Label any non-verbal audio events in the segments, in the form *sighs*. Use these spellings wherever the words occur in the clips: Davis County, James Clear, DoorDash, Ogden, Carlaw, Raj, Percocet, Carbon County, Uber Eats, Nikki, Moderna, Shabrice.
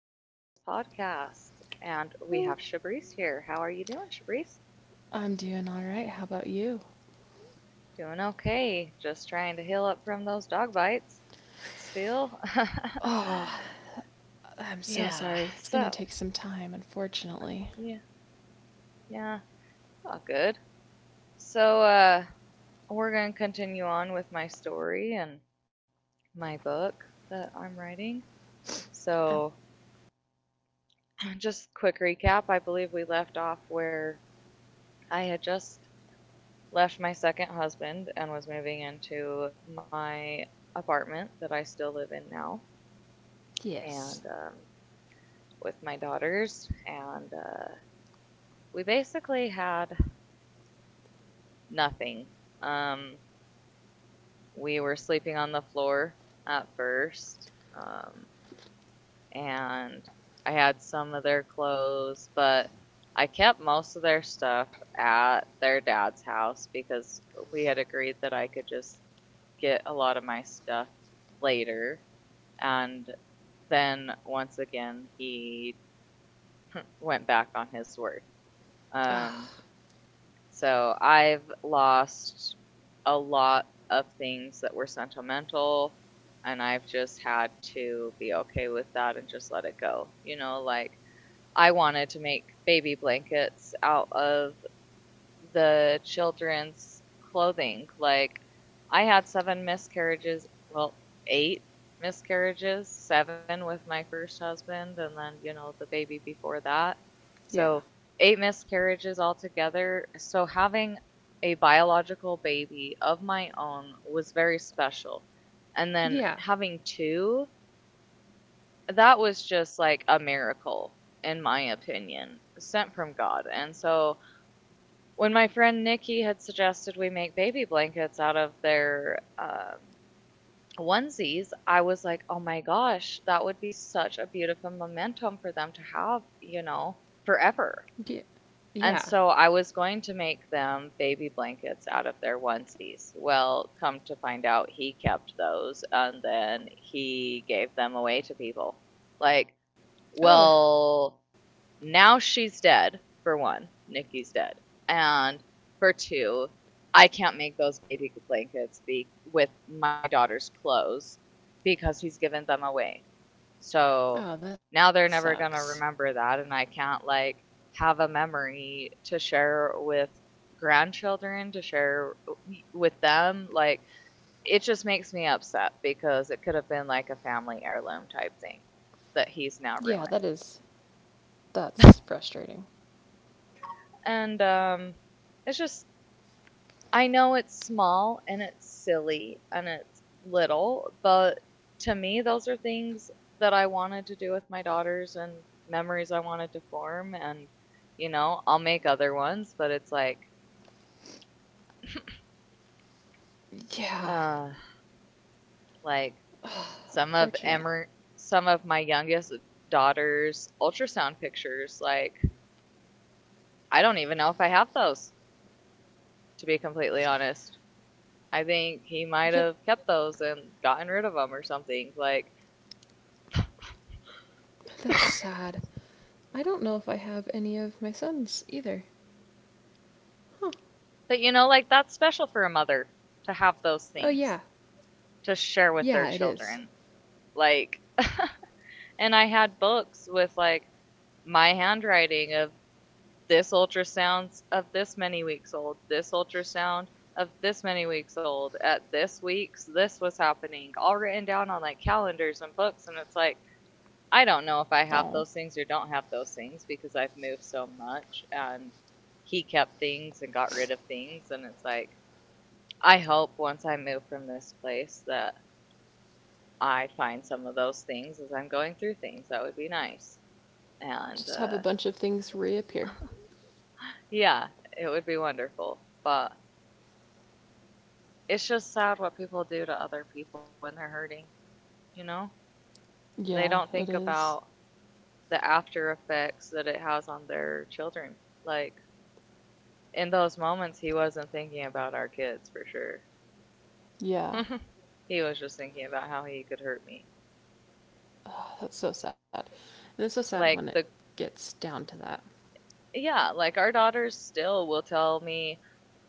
Carissa's podcast. And we have Shabrice here. How are you doing, Shabrice? I'm doing all right. How about you? Doing okay. Just trying to heal up from those dog bites. Still. *laughs* Oh, I'm so Yeah. sorry. It's gonna So, take some time, unfortunately. yeah, yeah, it's all good. So, uh, we're going to continue on with my story and my book that I'm writing. Uh, So, just quick recap. I believe we left off where I had just left my second husband and was moving into my apartment that I still live in now, and yes. With my daughters, and we basically had nothing. Um, we were sleeping on the floor at first. Um, and I had some of their clothes, but I kept most of their stuff at their dad's house because we had agreed that I could just get a lot of my stuff later. And then once again, he *laughs* went back on his word. Um, Ah, so I've lost a lot of things that were sentimental, and I've just had to be okay with that and just let it go. You know, like I wanted to make baby blankets out of the children's clothing. Like I had seven miscarriages, well, eight miscarriages, seven with my first husband, and then, you know, the baby before that. So yeah. eight miscarriages altogether. So having a biological baby of my own was very special. And then Yeah. having two, that was just like a miracle, in my opinion, sent from God. And so when my friend Nikki had suggested we make baby blankets out of their onesies, I was like, oh my gosh, that would be such a beautiful momentum for them to have, you know, forever. Yeah. And Yeah. so I was going to make them baby blankets out of their onesies. Well, come to find out, he kept those and then he gave them away to people. Like, Oh. well, now she's dead, for one, Nikki's dead, and for two, I can't make those baby blankets be with my daughter's clothes because he's given them away. Oh, So that now they're sucks. never going to remember that, and I can't like have a memory to share with grandchildren to share with them. Like, it just makes me upset because it could have been like a family heirloom type thing that he's Yeah, now that ruined. is. That's frustrating. And It's just, I know it's small and it's silly and it's little, but to me, those are things that I wanted to do with my daughters and memories I wanted to form. And, you know, I'll make other ones, but it's like, Yeah. uh, like some of Unfortunate. Emer- some of my youngest daughter's ultrasound pictures. Like, I don't even know if I have those, to be completely honest. I think he Yet, might have kept those and gotten rid of them or something. Like, that's sad. I don't know if I have any of my sons either. Huh. but you know, like that's special for a mother to have those Oh, things yeah. to share with their Yeah, it is. children. Like, *laughs* and I had books with like my handwriting of this ultrasounds of this many weeks old, this ultrasound of this many weeks old, at this week's, this was happening, all written down on like calendars and books. And it's like, I don't know if I have Oh. those things or don't have those things because I've moved so much and he kept things and got rid of things. And it's like, I hope once I move from this place that I find some of those things as I'm going through things. That would be nice. And Just have a bunch of things reappear. Yeah, it would be wonderful. But it's just sad what people do to other people when they're hurting, you know? They Yeah, don't it think is. about the after effects that it has on their children. Like, in those moments, he wasn't thinking about our kids for sure. Yeah. *laughs* He was just thinking about how he could hurt me. That's so sad. And it's so sad when it Like the gets down to that. Yeah, like our daughters still will tell me,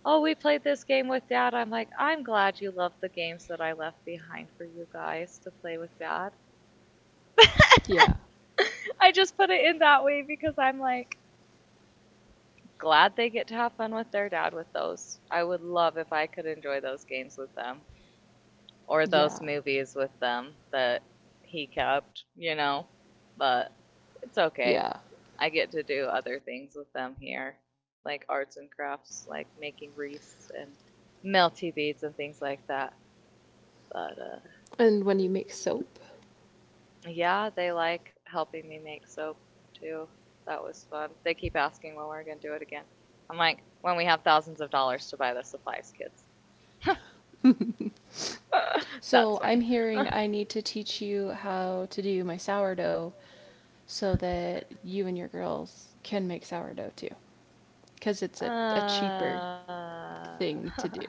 "Oh, we played this game with dad." I'm like, "I'm glad you loved the games that I left behind for you guys to play with dad." Yeah. *laughs* I just put it in that way because I'm like glad they get to have fun with their dad with those. I would love if I could enjoy those games with them, or those Yeah. movies with them that he kept, you know. But it's Yeah. okay. I get to do other things with them here, like arts and crafts, like making wreaths and melty beads and things like that. But And when you make soap. Yeah, they like helping me make soap too. That was fun. They keep asking when we're gonna do it again. I'm like, when we have thousands of dollars to buy the supplies, kids. *laughs* That's So fun. I'm hearing I need to teach you how to do my sourdough so that you and your girls can make sourdough too. Because it's a cheaper Uh, thing to do.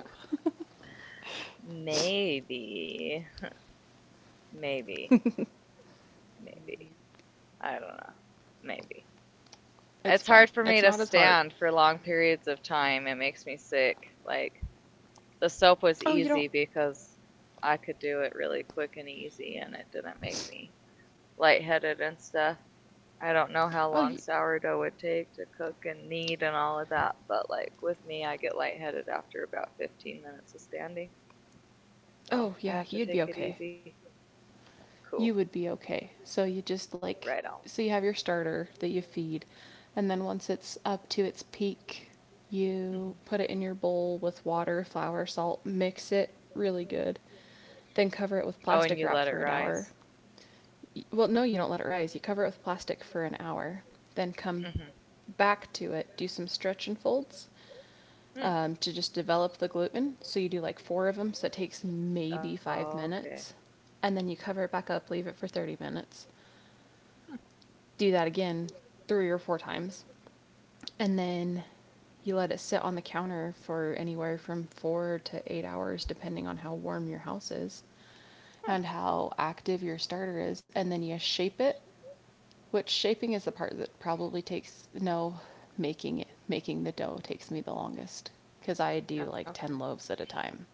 *laughs* Maybe, maybe, maybe. I don't know. Maybe. It's It's fun. hard for me It's to not as hard. stand for long periods of time. It makes me sick. Like, the soap was Oh, you easy don't. because I could do it really quick and easy, and it didn't make me lightheaded and stuff. I don't know how Oh, long you. sourdough would take to cook and knead and all of that, but like with me, I get lightheaded after about 15 minutes of standing. So Oh, I yeah, have to you'd be take it okay. easy. Cool. You would be okay. So you just like, Right on. so you have your starter that you feed, and then once it's up to its peak, you Hmm. put it in your bowl with water, flour, salt, mix it really good, then cover it with Oh, and plastic you wrap let it for an hour. rise. Well, no, you don't let it rise. You cover it with plastic for an hour, then come Mm-hmm. back to it, do some stretch and folds to just develop the gluten. So you do like four of them, so it takes maybe Mm. five Okay. minutes. And then you cover it back up, leave it for 30 minutes, Hmm. do that again three or four times. And then you let it sit on the counter for anywhere from 4 to 8 hours, depending on how warm your house is and Huh. how active your starter is. And then you shape it, which shaping is the part that probably takes no making it making the dough takes me the longest because I do like Okay. 10 loaves at a time.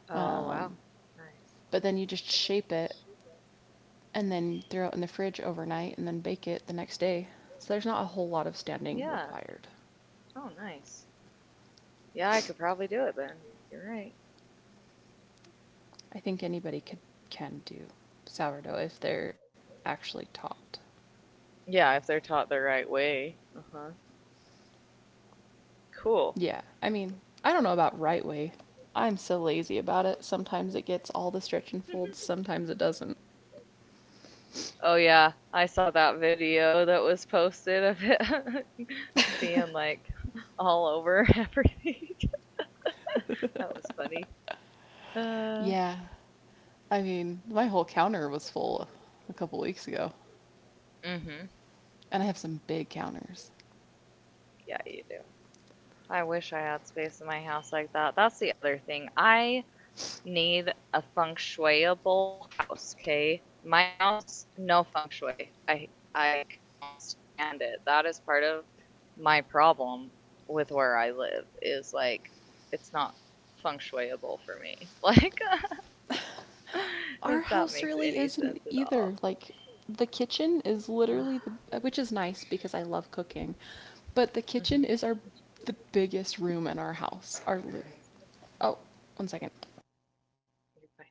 Oh, wow. Um, Nice. but then you just shape it and then throw it in the fridge overnight and then bake it the next day. So there's not a whole lot of standing Yeah. required. Oh, nice. Yeah, I could probably do it then. You're right. I think anybody could can do sourdough if they're actually taught. Yeah, if they're taught the right way. Uh huh. Cool. Yeah, I mean, I don't know about right way. I'm so lazy about it. Sometimes it gets all the stretch and folds, *laughs* sometimes it doesn't. Oh yeah, I saw that video that was posted of it *laughs* being like all over everything. *laughs* That was funny. Uh, Yeah. I mean, my whole counter was full a couple weeks ago, mhm. and I have some big counters. Yeah, you do. I wish I had space in my house like that. That's the other thing. I need a feng shuiable house. Okay, my house no feng shui. I cannot stand it. That is part of my problem with where I live. Is like it's not feng shuiable for me. Like *laughs* if Our that house makes really any sense isn't at either. all. Like, the kitchen is literally *sighs* the, which is nice because I love cooking, but the kitchen Mhm. is our the biggest room in our house. Oh, one second. You're fine.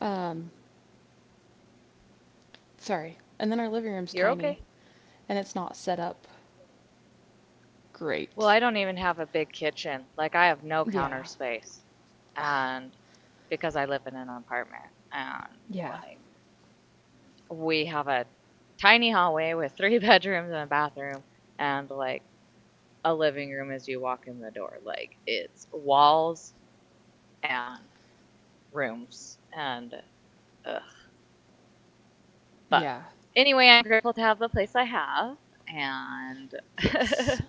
Um, sorry. And then our living room's You're tiny, okay. and it's not set up Well, great. I don't even have a big kitchen. Like I have no counter Yeah, space, and because I live in an apartment, and yeah, like we have a tiny hallway with three *laughs* bedrooms and a bathroom and like a living room as you walk in the door. Like it's walls and rooms and ugh. But yeah, anyway, I'm grateful to have the place I have and *laughs* yes,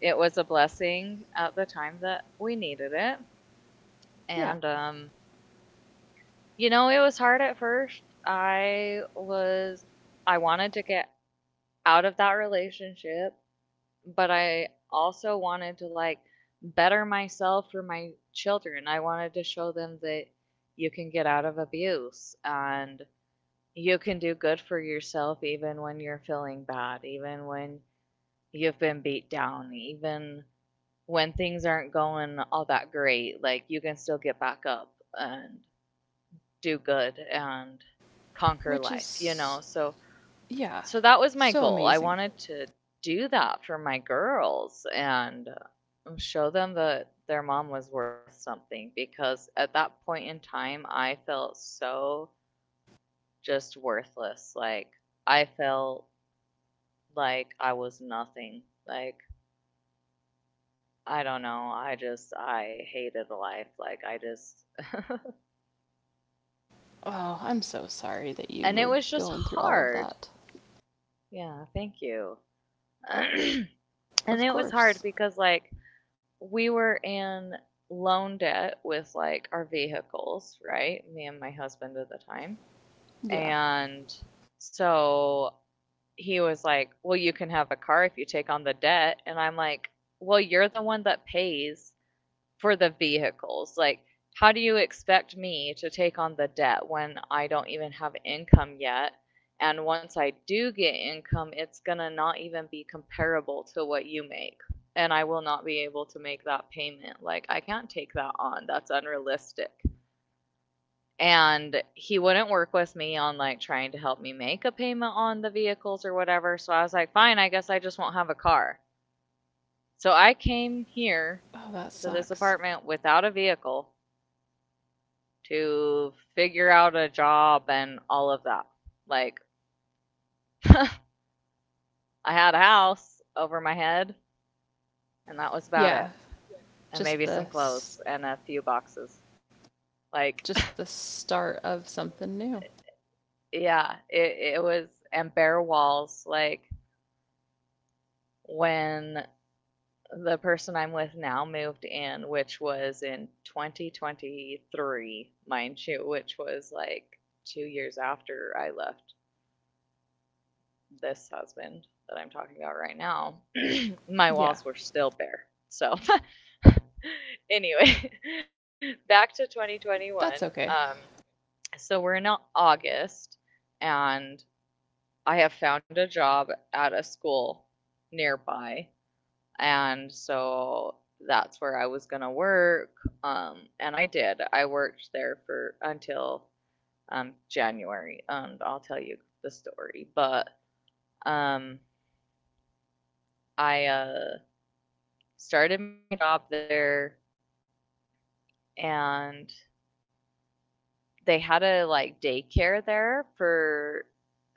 it was a blessing at the time that we needed it. yeah. And You know, it was hard at first. I was I wanted to get out of that relationship but I also wanted to like better myself for my children. I wanted to show them that you can get out of abuse and you can do good for yourself even when you're feeling bad, even when you've been beat down, even when things aren't going all that great. Like you can still get back up and do good and conquer Which life, you know? is, So yeah, so that was my so goal. I amazing. wanted to do that for my girls and show them that their mom was worth something because at that point in time, I felt so just worthless. Like, I felt like I was nothing. Like, I don't know. I hated life. Like, I just, Oh, I'm so sorry that you and it were was just going through all of hard. that. Yeah, thank you. *clears throat* And Of it was hard course. because, like, we were in loan debt with like our vehicles, right? Me and my husband at the time. Yeah. And so he was like, well, you can have a car if you take on the debt. And I'm like, well, you're the one that pays for the vehicles. Like, how do you expect me to take on the debt when I don't even have income yet? And once I do get income, it's gonna not even be comparable to what you make. And I will not be able to make that payment. Like, I can't take that on. That's unrealistic. And he wouldn't work with me on like trying to help me make a payment on the vehicles or whatever. So I was like, fine, I guess I just won't have a car. So I came here Oh, to that this sucks. apartment without a vehicle to figure out a job and all of that. Like, *laughs* I had a house over my head, and that was about it. Yeah, And maybe some just the clothes and a few boxes. Like, just the start of something new. *laughs* yeah, it was, and bare walls. Like, when the person I'm with now moved in, which was in 2023, mind you, which was like 2 years after I left this husband that I'm talking about right now, *clears throat* my walls Yeah, were still bare. So, *laughs* anyway, *laughs* back to 2021. that's Um, okay. so, we're in August, and I have found a job at a school nearby. And so that's where I was going to work. And I did. I worked there for until January. And I'll tell you the story. But um, I started my job there, and they had a like daycare there for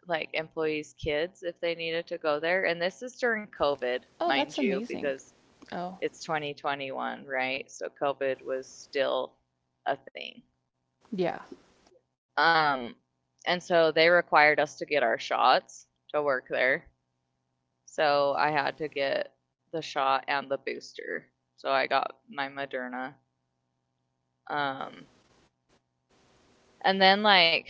like employees' kids if they needed to go there. And this is during COVID, Oh, mind that's you, amazing. because Oh, it's 2021, right? So COVID was still a thing. yeah. Um, and so they required us to get our shots to work there. So I had to get the shot and the booster. So I got my Moderna. Um, and then like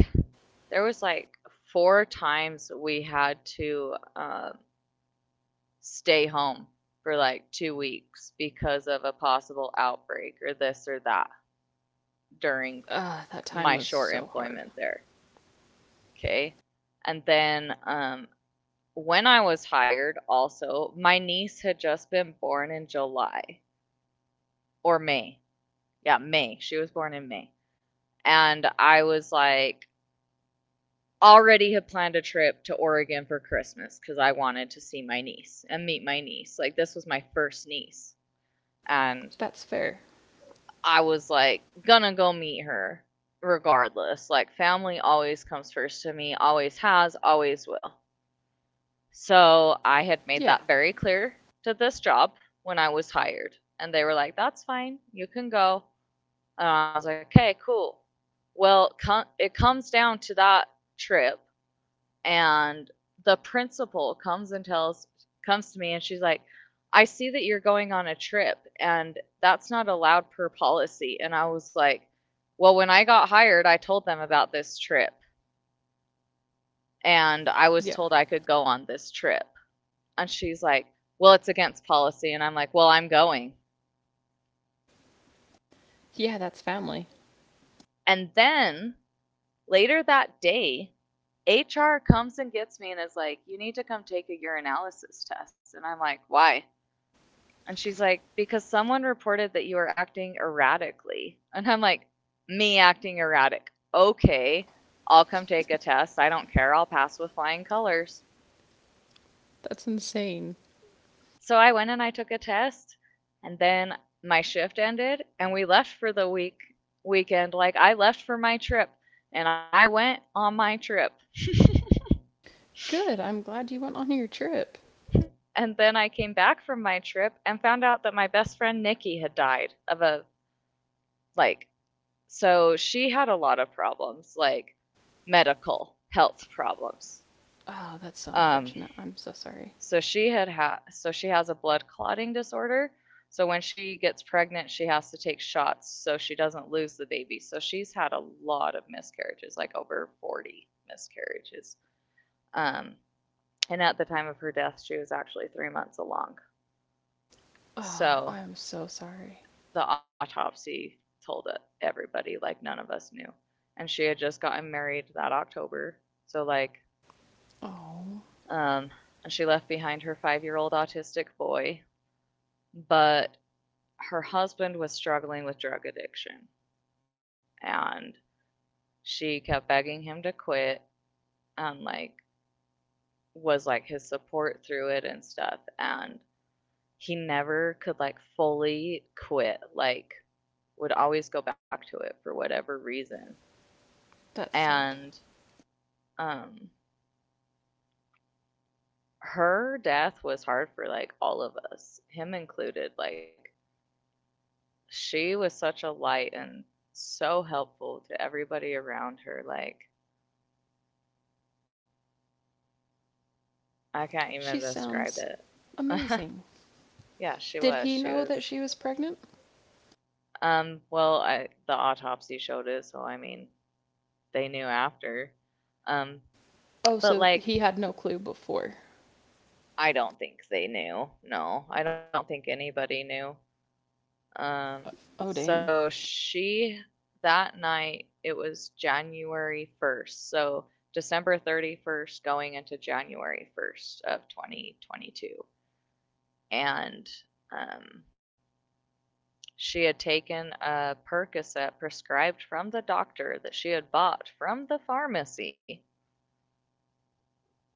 there was like 4 times we had to stay home for like 2 weeks because of a possible outbreak or this or that during Ah, that time was my so short hard. employment there. Okay. And then when I was hired, also, my niece had just been born in July or May. Yeah, May. She was born in May. And I was like, already had planned a trip to Oregon for Christmas because I wanted to see my niece and meet my niece. Like, this was my first niece. And That's fair. I was like, gonna go meet her regardless. Like, family always comes first to me, always has, always will. So I had made Yeah, that very clear to this job when I was hired. And they were like, that's fine, you can go. And I was like, okay, cool. Well, it comes down to that trip, and the principal comes and tells comes to me and she's like, I see that you're going on a trip, and that's not allowed per policy. And I was like, well, when I got hired, I told them about this trip and I was yeah, told I could go on this trip. And she's like, well, it's against policy. And I'm like, well, I'm going. yeah. That's family. And then later that day, HR comes and gets me and is like, you need to come take a urinalysis test. And I'm like, why? And she's like, because someone reported that you were acting erratically. And I'm like, me acting erratic. Okay, I'll come take a test. I don't care. I'll pass with flying colors. That's insane. So I went and I took a test. And then my shift ended and we left for the weekend. Like I left for my trip and I went on my trip. Good. I'm glad you went on your trip. And then I came back from my trip and found out that my best friend Nikki had died of a like So she had a lot of problems, like medical health problems. Oh, that's so Um, unfortunate. I'm so sorry. So she has a blood clotting disorder. So when she gets pregnant, she has to take shots so she doesn't lose the baby. So she's had a lot of miscarriages, like over 40 miscarriages. Um, and at the time of her death, she was actually 3 months along. Oh, I'm So so sorry. the autopsy told e-, everybody, like none of us knew. And she had just gotten married that October. So like Oh, Um, and she left behind her 5 year old autistic boy. But her husband was struggling with drug addiction. And she kept begging him to quit and, like, was like his support through it and stuff. And he never could, like, fully quit. Like, would always go back to it for whatever reason. that's sad. And um her death was hard for like all of us, him included. Like, she was such a light and so helpful to everybody around her. Like, I can't even She describe sounds it. *laughs* amazing. Yeah, she Did was. he She know that was. she was pregnant? Well, I, the autopsy showed it, so I mean, they knew after. Um, Oh, but so like, he had no clue before. I don't think they knew. No, I don't think anybody knew. Um, Oh, so dang. she That night it was January 1st. So December 31st going into January 1st of 2022. And um, she had taken a Percocet prescribed from the doctor that she had bought from the pharmacy,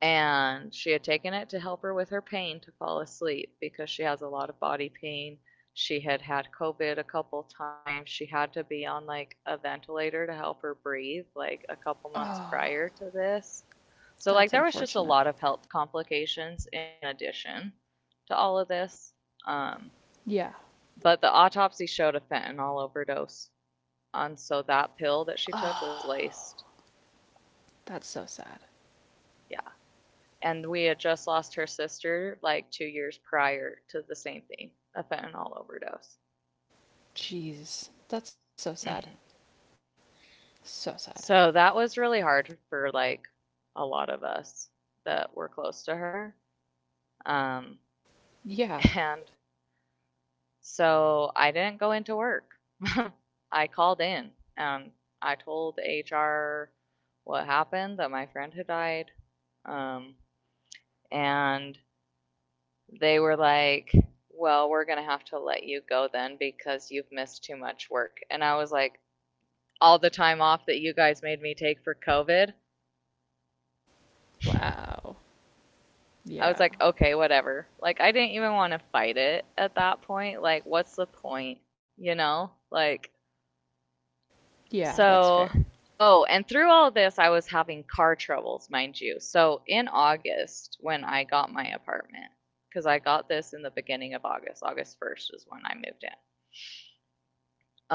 and she had taken it to help her with her pain to fall asleep because she has a lot of body pain. She had had COVID a couple times. She had to be on like a ventilator to help her breathe like a couple months prior Oh, to this. So like there that's was just a lot unfortunate. of health complications in addition to all of this. Um, Yeah. but the autopsy showed a fentanyl overdose, and so that pill that she took was Oh, laced. that's so sad. Yeah. And we had just lost her sister like 2 years prior to the same thing, a fentanyl overdose. Jeez. That's so sad. hmm So sad. so that was really hard for like a lot of us that were close to her. um, Yeah. *laughs* and So I didn't go into work. *laughs* I called in and I told HR what happened, that my friend had died. Um, and They were like, well, we're going to have to let you go then because you've missed too much work. And I was like, all the time off that you guys made me take for COVID, Wow. I Yeah. was like, okay, whatever. Like, I didn't even want to fight it at that point. Like, what's the point? Like, Yeah, that's fair. so, oh, and through all this, I was having car troubles, mind you. So, in August, when I got my apartment, because I got this in the beginning of August, August 1st is when I moved in.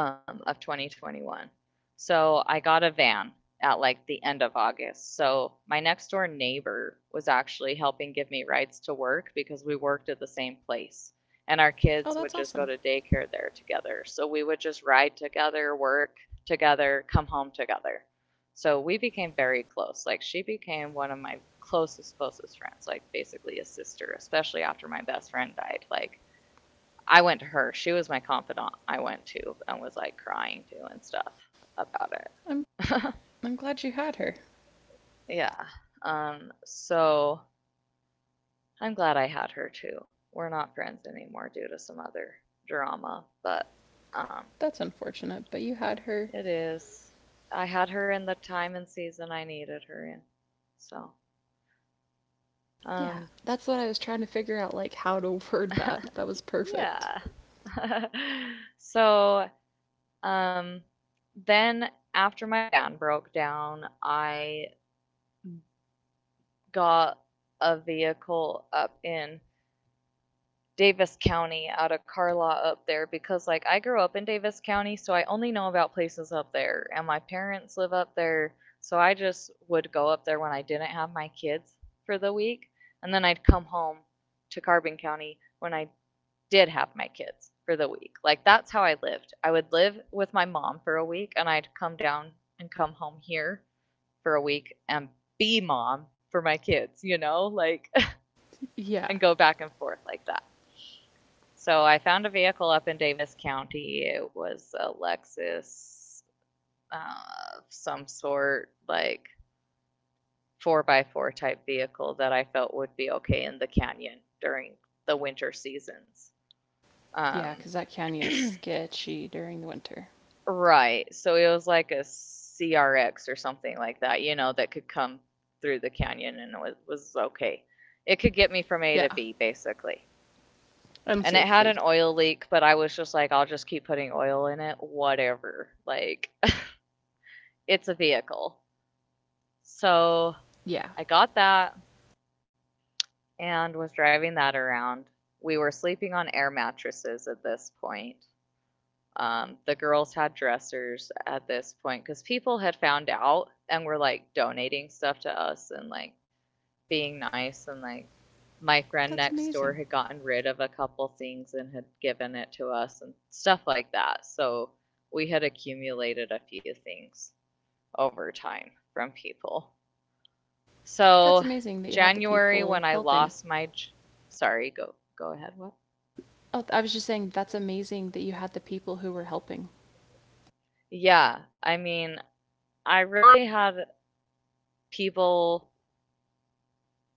Of 2021. So I got a van at like the end of August. So my next door neighbor was actually helping give me rides to work because we worked at the same place. And our Oh, kids that's would just awesome. go to daycare there together. So we would just ride together, work together, come home together. So we became very close. Like she became one of my closest, closest friends, like basically a sister, especially after my best friend died. Like I went to her. She was my confidant. I went to and was like crying to and stuff about I'm it. I'm glad you had her. *laughs* Yeah. Um, so I'm glad I had her too. We're not friends anymore due to some other drama, but um, That's unfortunate, but you had her. it is. I had her in the time and season I needed her in. So, Yeah. um, That's what I was trying to figure out, like, how to word that. That *laughs* was perfect. yeah. *laughs* so, um, then after my van broke down, I got a vehicle up in Davis County out of Carlaw up there because like I grew up in Davis County, so I only know about places up there and my parents live up there, so I just would go up there when I didn't have my kids for the week, and then I'd come home to Carbon County when I did have my kids for the week. Like that's how I lived. I would live with my mom for a week and I'd come down and come home here for a week and be mom for my kids, you know? Like and Yeah. go back and forth like that. So I found a vehicle up in Davis County. It was a Lexus of some sort, like 4 by 4 type vehicle that I felt would be okay in the canyon during the winter seasons. Yeah, Um, cuz that *clears throat* canyon's sketchy during the winter. right. So it was like a CRX or something like that, you know, that could come through the canyon and it was okay. It could get me from A to Yeah. B, basically. And it had an Unsafely. oil leak, but I was just like, I'll just keep putting oil in it, whatever. Like, *laughs* it's a vehicle. So Yeah. I got that and was driving that around. We were sleeping on air mattresses at this point. The girls had dressers at this point because people had found out and were like donating stuff to us and like being nice and like my friend That's next door amazing. had gotten rid of a couple things and had given it to us and stuff like that. So we had accumulated a few things over time from people. That's So amazing that you had the January people when I helping. lost my sorry, go ahead, what? Oh, I was just saying that's amazing that you had the people who were helping. Yeah, I mean, I really had people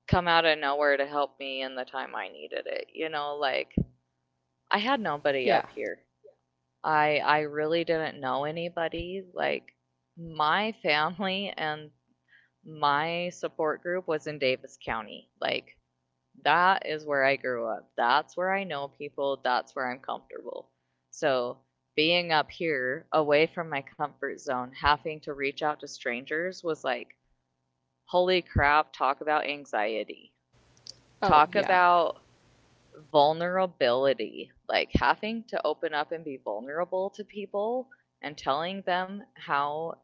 come out of nowhere to help me in the time I needed it. You know, like I had nobody Yeah. up here. I really didn't know anybody. Like my family and my support group was in Davis County. Like that is where I grew up. That's where I know people. That's where I'm comfortable. So being up here away from my comfort zone, having to reach out to strangers was like, holy crap, talk about anxiety. Oh, Talk yeah. about vulnerability, like having to open up and be vulnerable to people and telling them how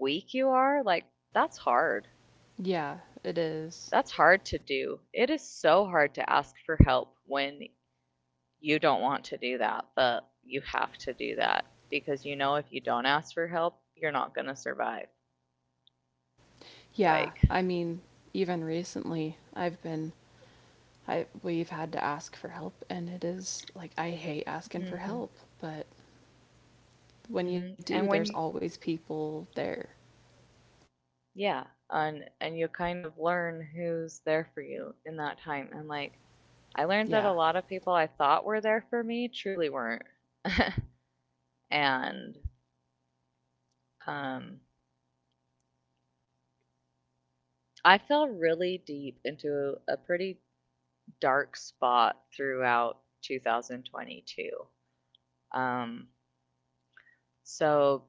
weak you are, like that's hard. Yeah, it is. That's hard to do. It is so hard to ask for help when you don't want to do that, but you have to do that because you know if you don't ask for help, you're not going to survive. Yeah, Like, I mean, even recently I've been I we've had to ask for help, and it is, like, I hate asking for hmm help, but when you hmm. do, And there's when always people there. Yeah, and you kind of learn who's there for you in that time. And like I Yeah. learned that a lot of people I thought were there for me truly weren't. *laughs* And um I fell really deep into a pretty dark spot throughout 2022. Um so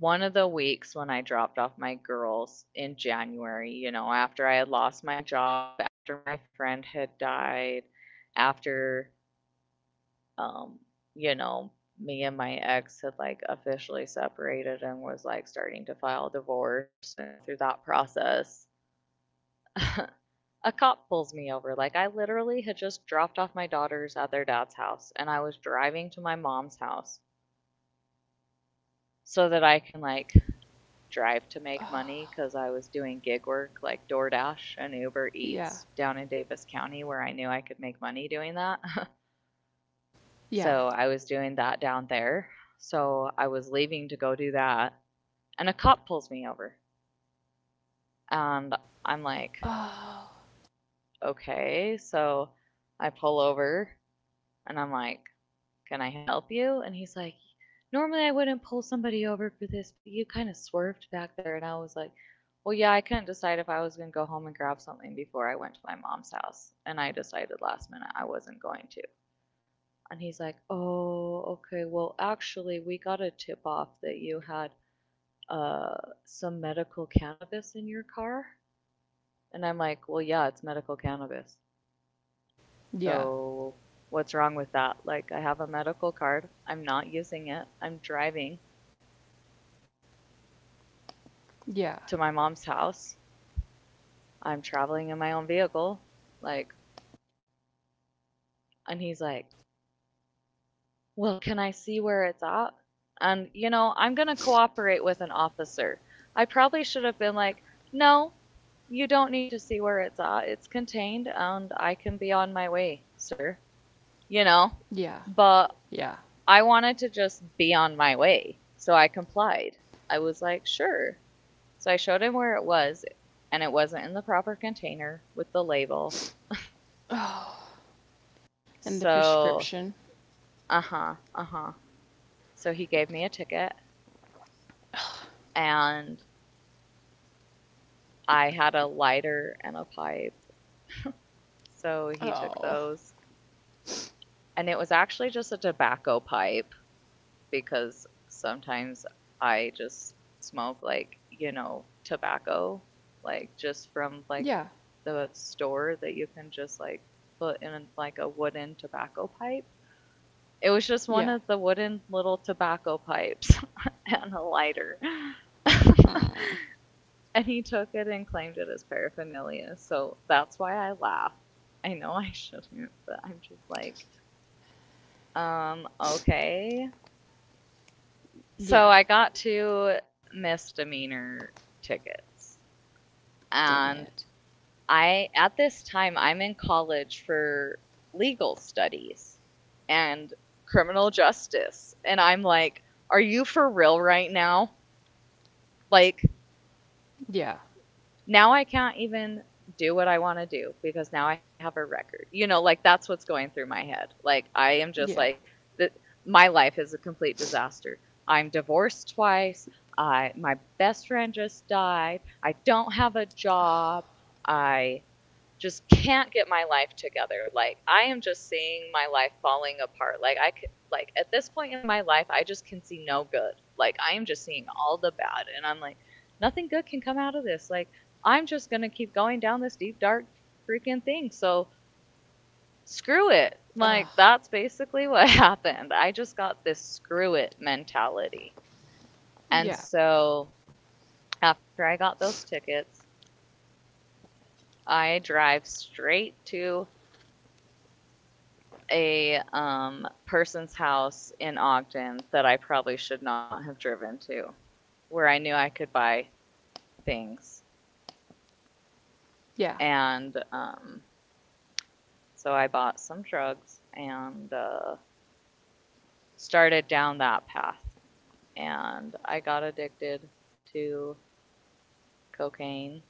one of the weeks when I dropped off my girls in January, after I had lost my job, after my friend had died, after um, you know, me and my ex had officially separated and was like starting to file divorce and go through that process. *laughs* A cop pulls me over. Like, I literally had just dropped off my daughters at their dad's house and I was driving to my mom's house so that I can drive to Oh, make money because I was doing gig work like DoorDash and Uber yeah. Eats down in Davis County where I knew I could make money doing that. *laughs* Yeah. So I was doing that down there. So I was leaving to go do that, and a cop pulls me over. And I'm like, Oh. okay. So I pull over and I'm like, can I help you? And he's like, normally I wouldn't pull somebody over for this, but you kind of swerved back there. And I was like, well, yeah, I couldn't decide if I was going to go home and grab something before I went to my mom's house. And I decided last minute I wasn't going to. And he's like, oh, okay. Well, actually, we got a tip off that you had uh, some medical cannabis in your car? And I'm like, well, yeah, it's medical cannabis. Yeah. So what's wrong with that? Like, I have a medical card. I'm not using it. I'm driving Yeah. to my mom's house. I'm traveling in my own vehicle. Like, and he's like, well, can I see where it's at? And, you know, I'm going to cooperate with an officer. I probably should have been like, no, you don't need to see where it's at. It's contained and I can be on my way, sir. you know? Yeah. But Yeah. I wanted to just be on my way. So I complied. I was like, sure. So I showed him where it was, and it wasn't in the proper container with the label. Oh. And the So, prescription. uh huh, uh huh. So he gave me a ticket, and I had a lighter and a pipe. So he Oh. took those, and it was actually just a tobacco pipe, because sometimes I just smoke like, you know, tobacco, like just from Yeah. like the store that you can just like put in like a wooden tobacco pipe. It was just Yeah. one of the wooden little tobacco pipes *laughs* and a lighter. *laughs* Mm, And he took it and claimed it as paraphernalia. So that's why I laugh. I know I *laughs* shouldn't, but I'm just like, okay. yeah. So I got two misdemeanor tickets. Dang it. And at this time, I'm in college for legal studies and criminal justice. And I'm like, are you for real right now? Like, Yeah. now I can't even do what I want to do because now I have a record. You know, like that's what's going through my head. Like I am just Yeah. like that my life is a complete disaster. I'm divorced twice. I My best friend just died. I don't have a job. I just can't get my life together. Like I am just seeing my life falling apart. Like I could like at this point in my life, I just can see no good. Like I am just seeing all the bad and I'm like nothing good can come out of this. Like I'm just gonna keep going down this deep dark freaking thing. So screw it. Ugh. Like that's basically *laughs* what happened. I just got this screw it mentality. Yeah. And so after I got those tickets, I drive straight to a person's house in Ogden that I probably should not have driven to, where I knew I could buy things. Yeah. And so I bought some drugs and started down that path. And I got addicted to cocaine.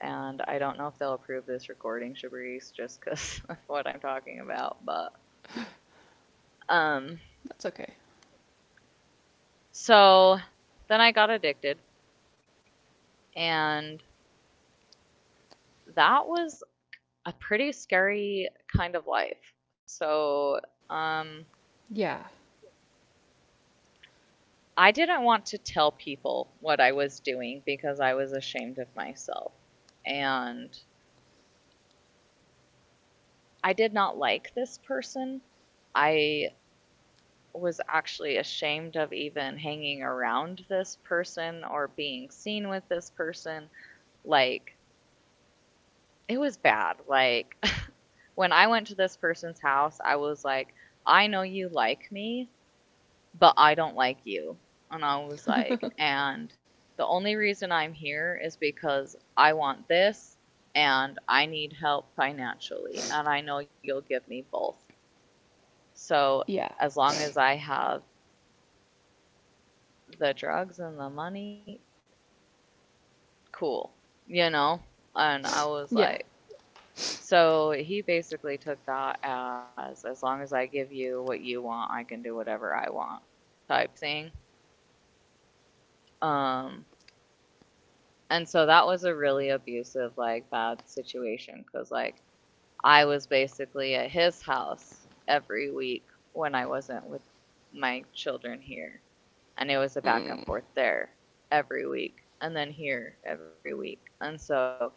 And I don't know if they'll approve this recording, Shabrice, just because *laughs* of what I'm talking about. But um, That's okay. so then I got addicted. And that was a pretty scary kind of life. So um, Yeah. I didn't want to tell people what I was doing because I was ashamed of myself. And I did not like this person. I was actually ashamed of even hanging around this person or being seen with this person. Like, it was bad. Like, *laughs* when I went to this person's house, I was like, I know you like me, but I don't like you. And I was like, and the only reason I'm here is because I want this and I need help financially. And I know you'll give me both. So Yeah. as long as I have the drugs and the money, cool, you know? And I was Yeah. like, so he basically took that as long as I give you what you want, I can do whatever I want type thing. Um, and so that was a really abusive, like bad situation because like I was basically at his house every week when I wasn't with my children here and it was a back and Mm. forth there every week and then here every week and so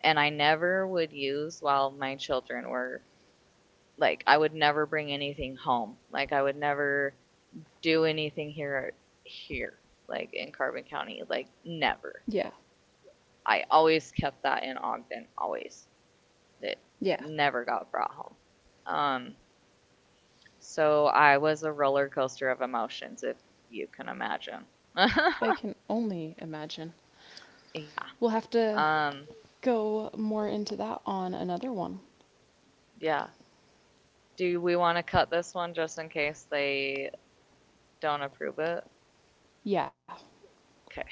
and I never would use while my children were like I would never bring anything home like I would never do anything here like in carbon county like never. Yeah. I always kept that in Ogden, always. It Yeah. never got brought home. um so I was a roller coaster of emotions, if you can imagine. *laughs* I can only imagine. Yeah. We'll have to um go more into that on another one. Yeah. Do we want to cut this one just in case they don't approve it? Yeah. Okay.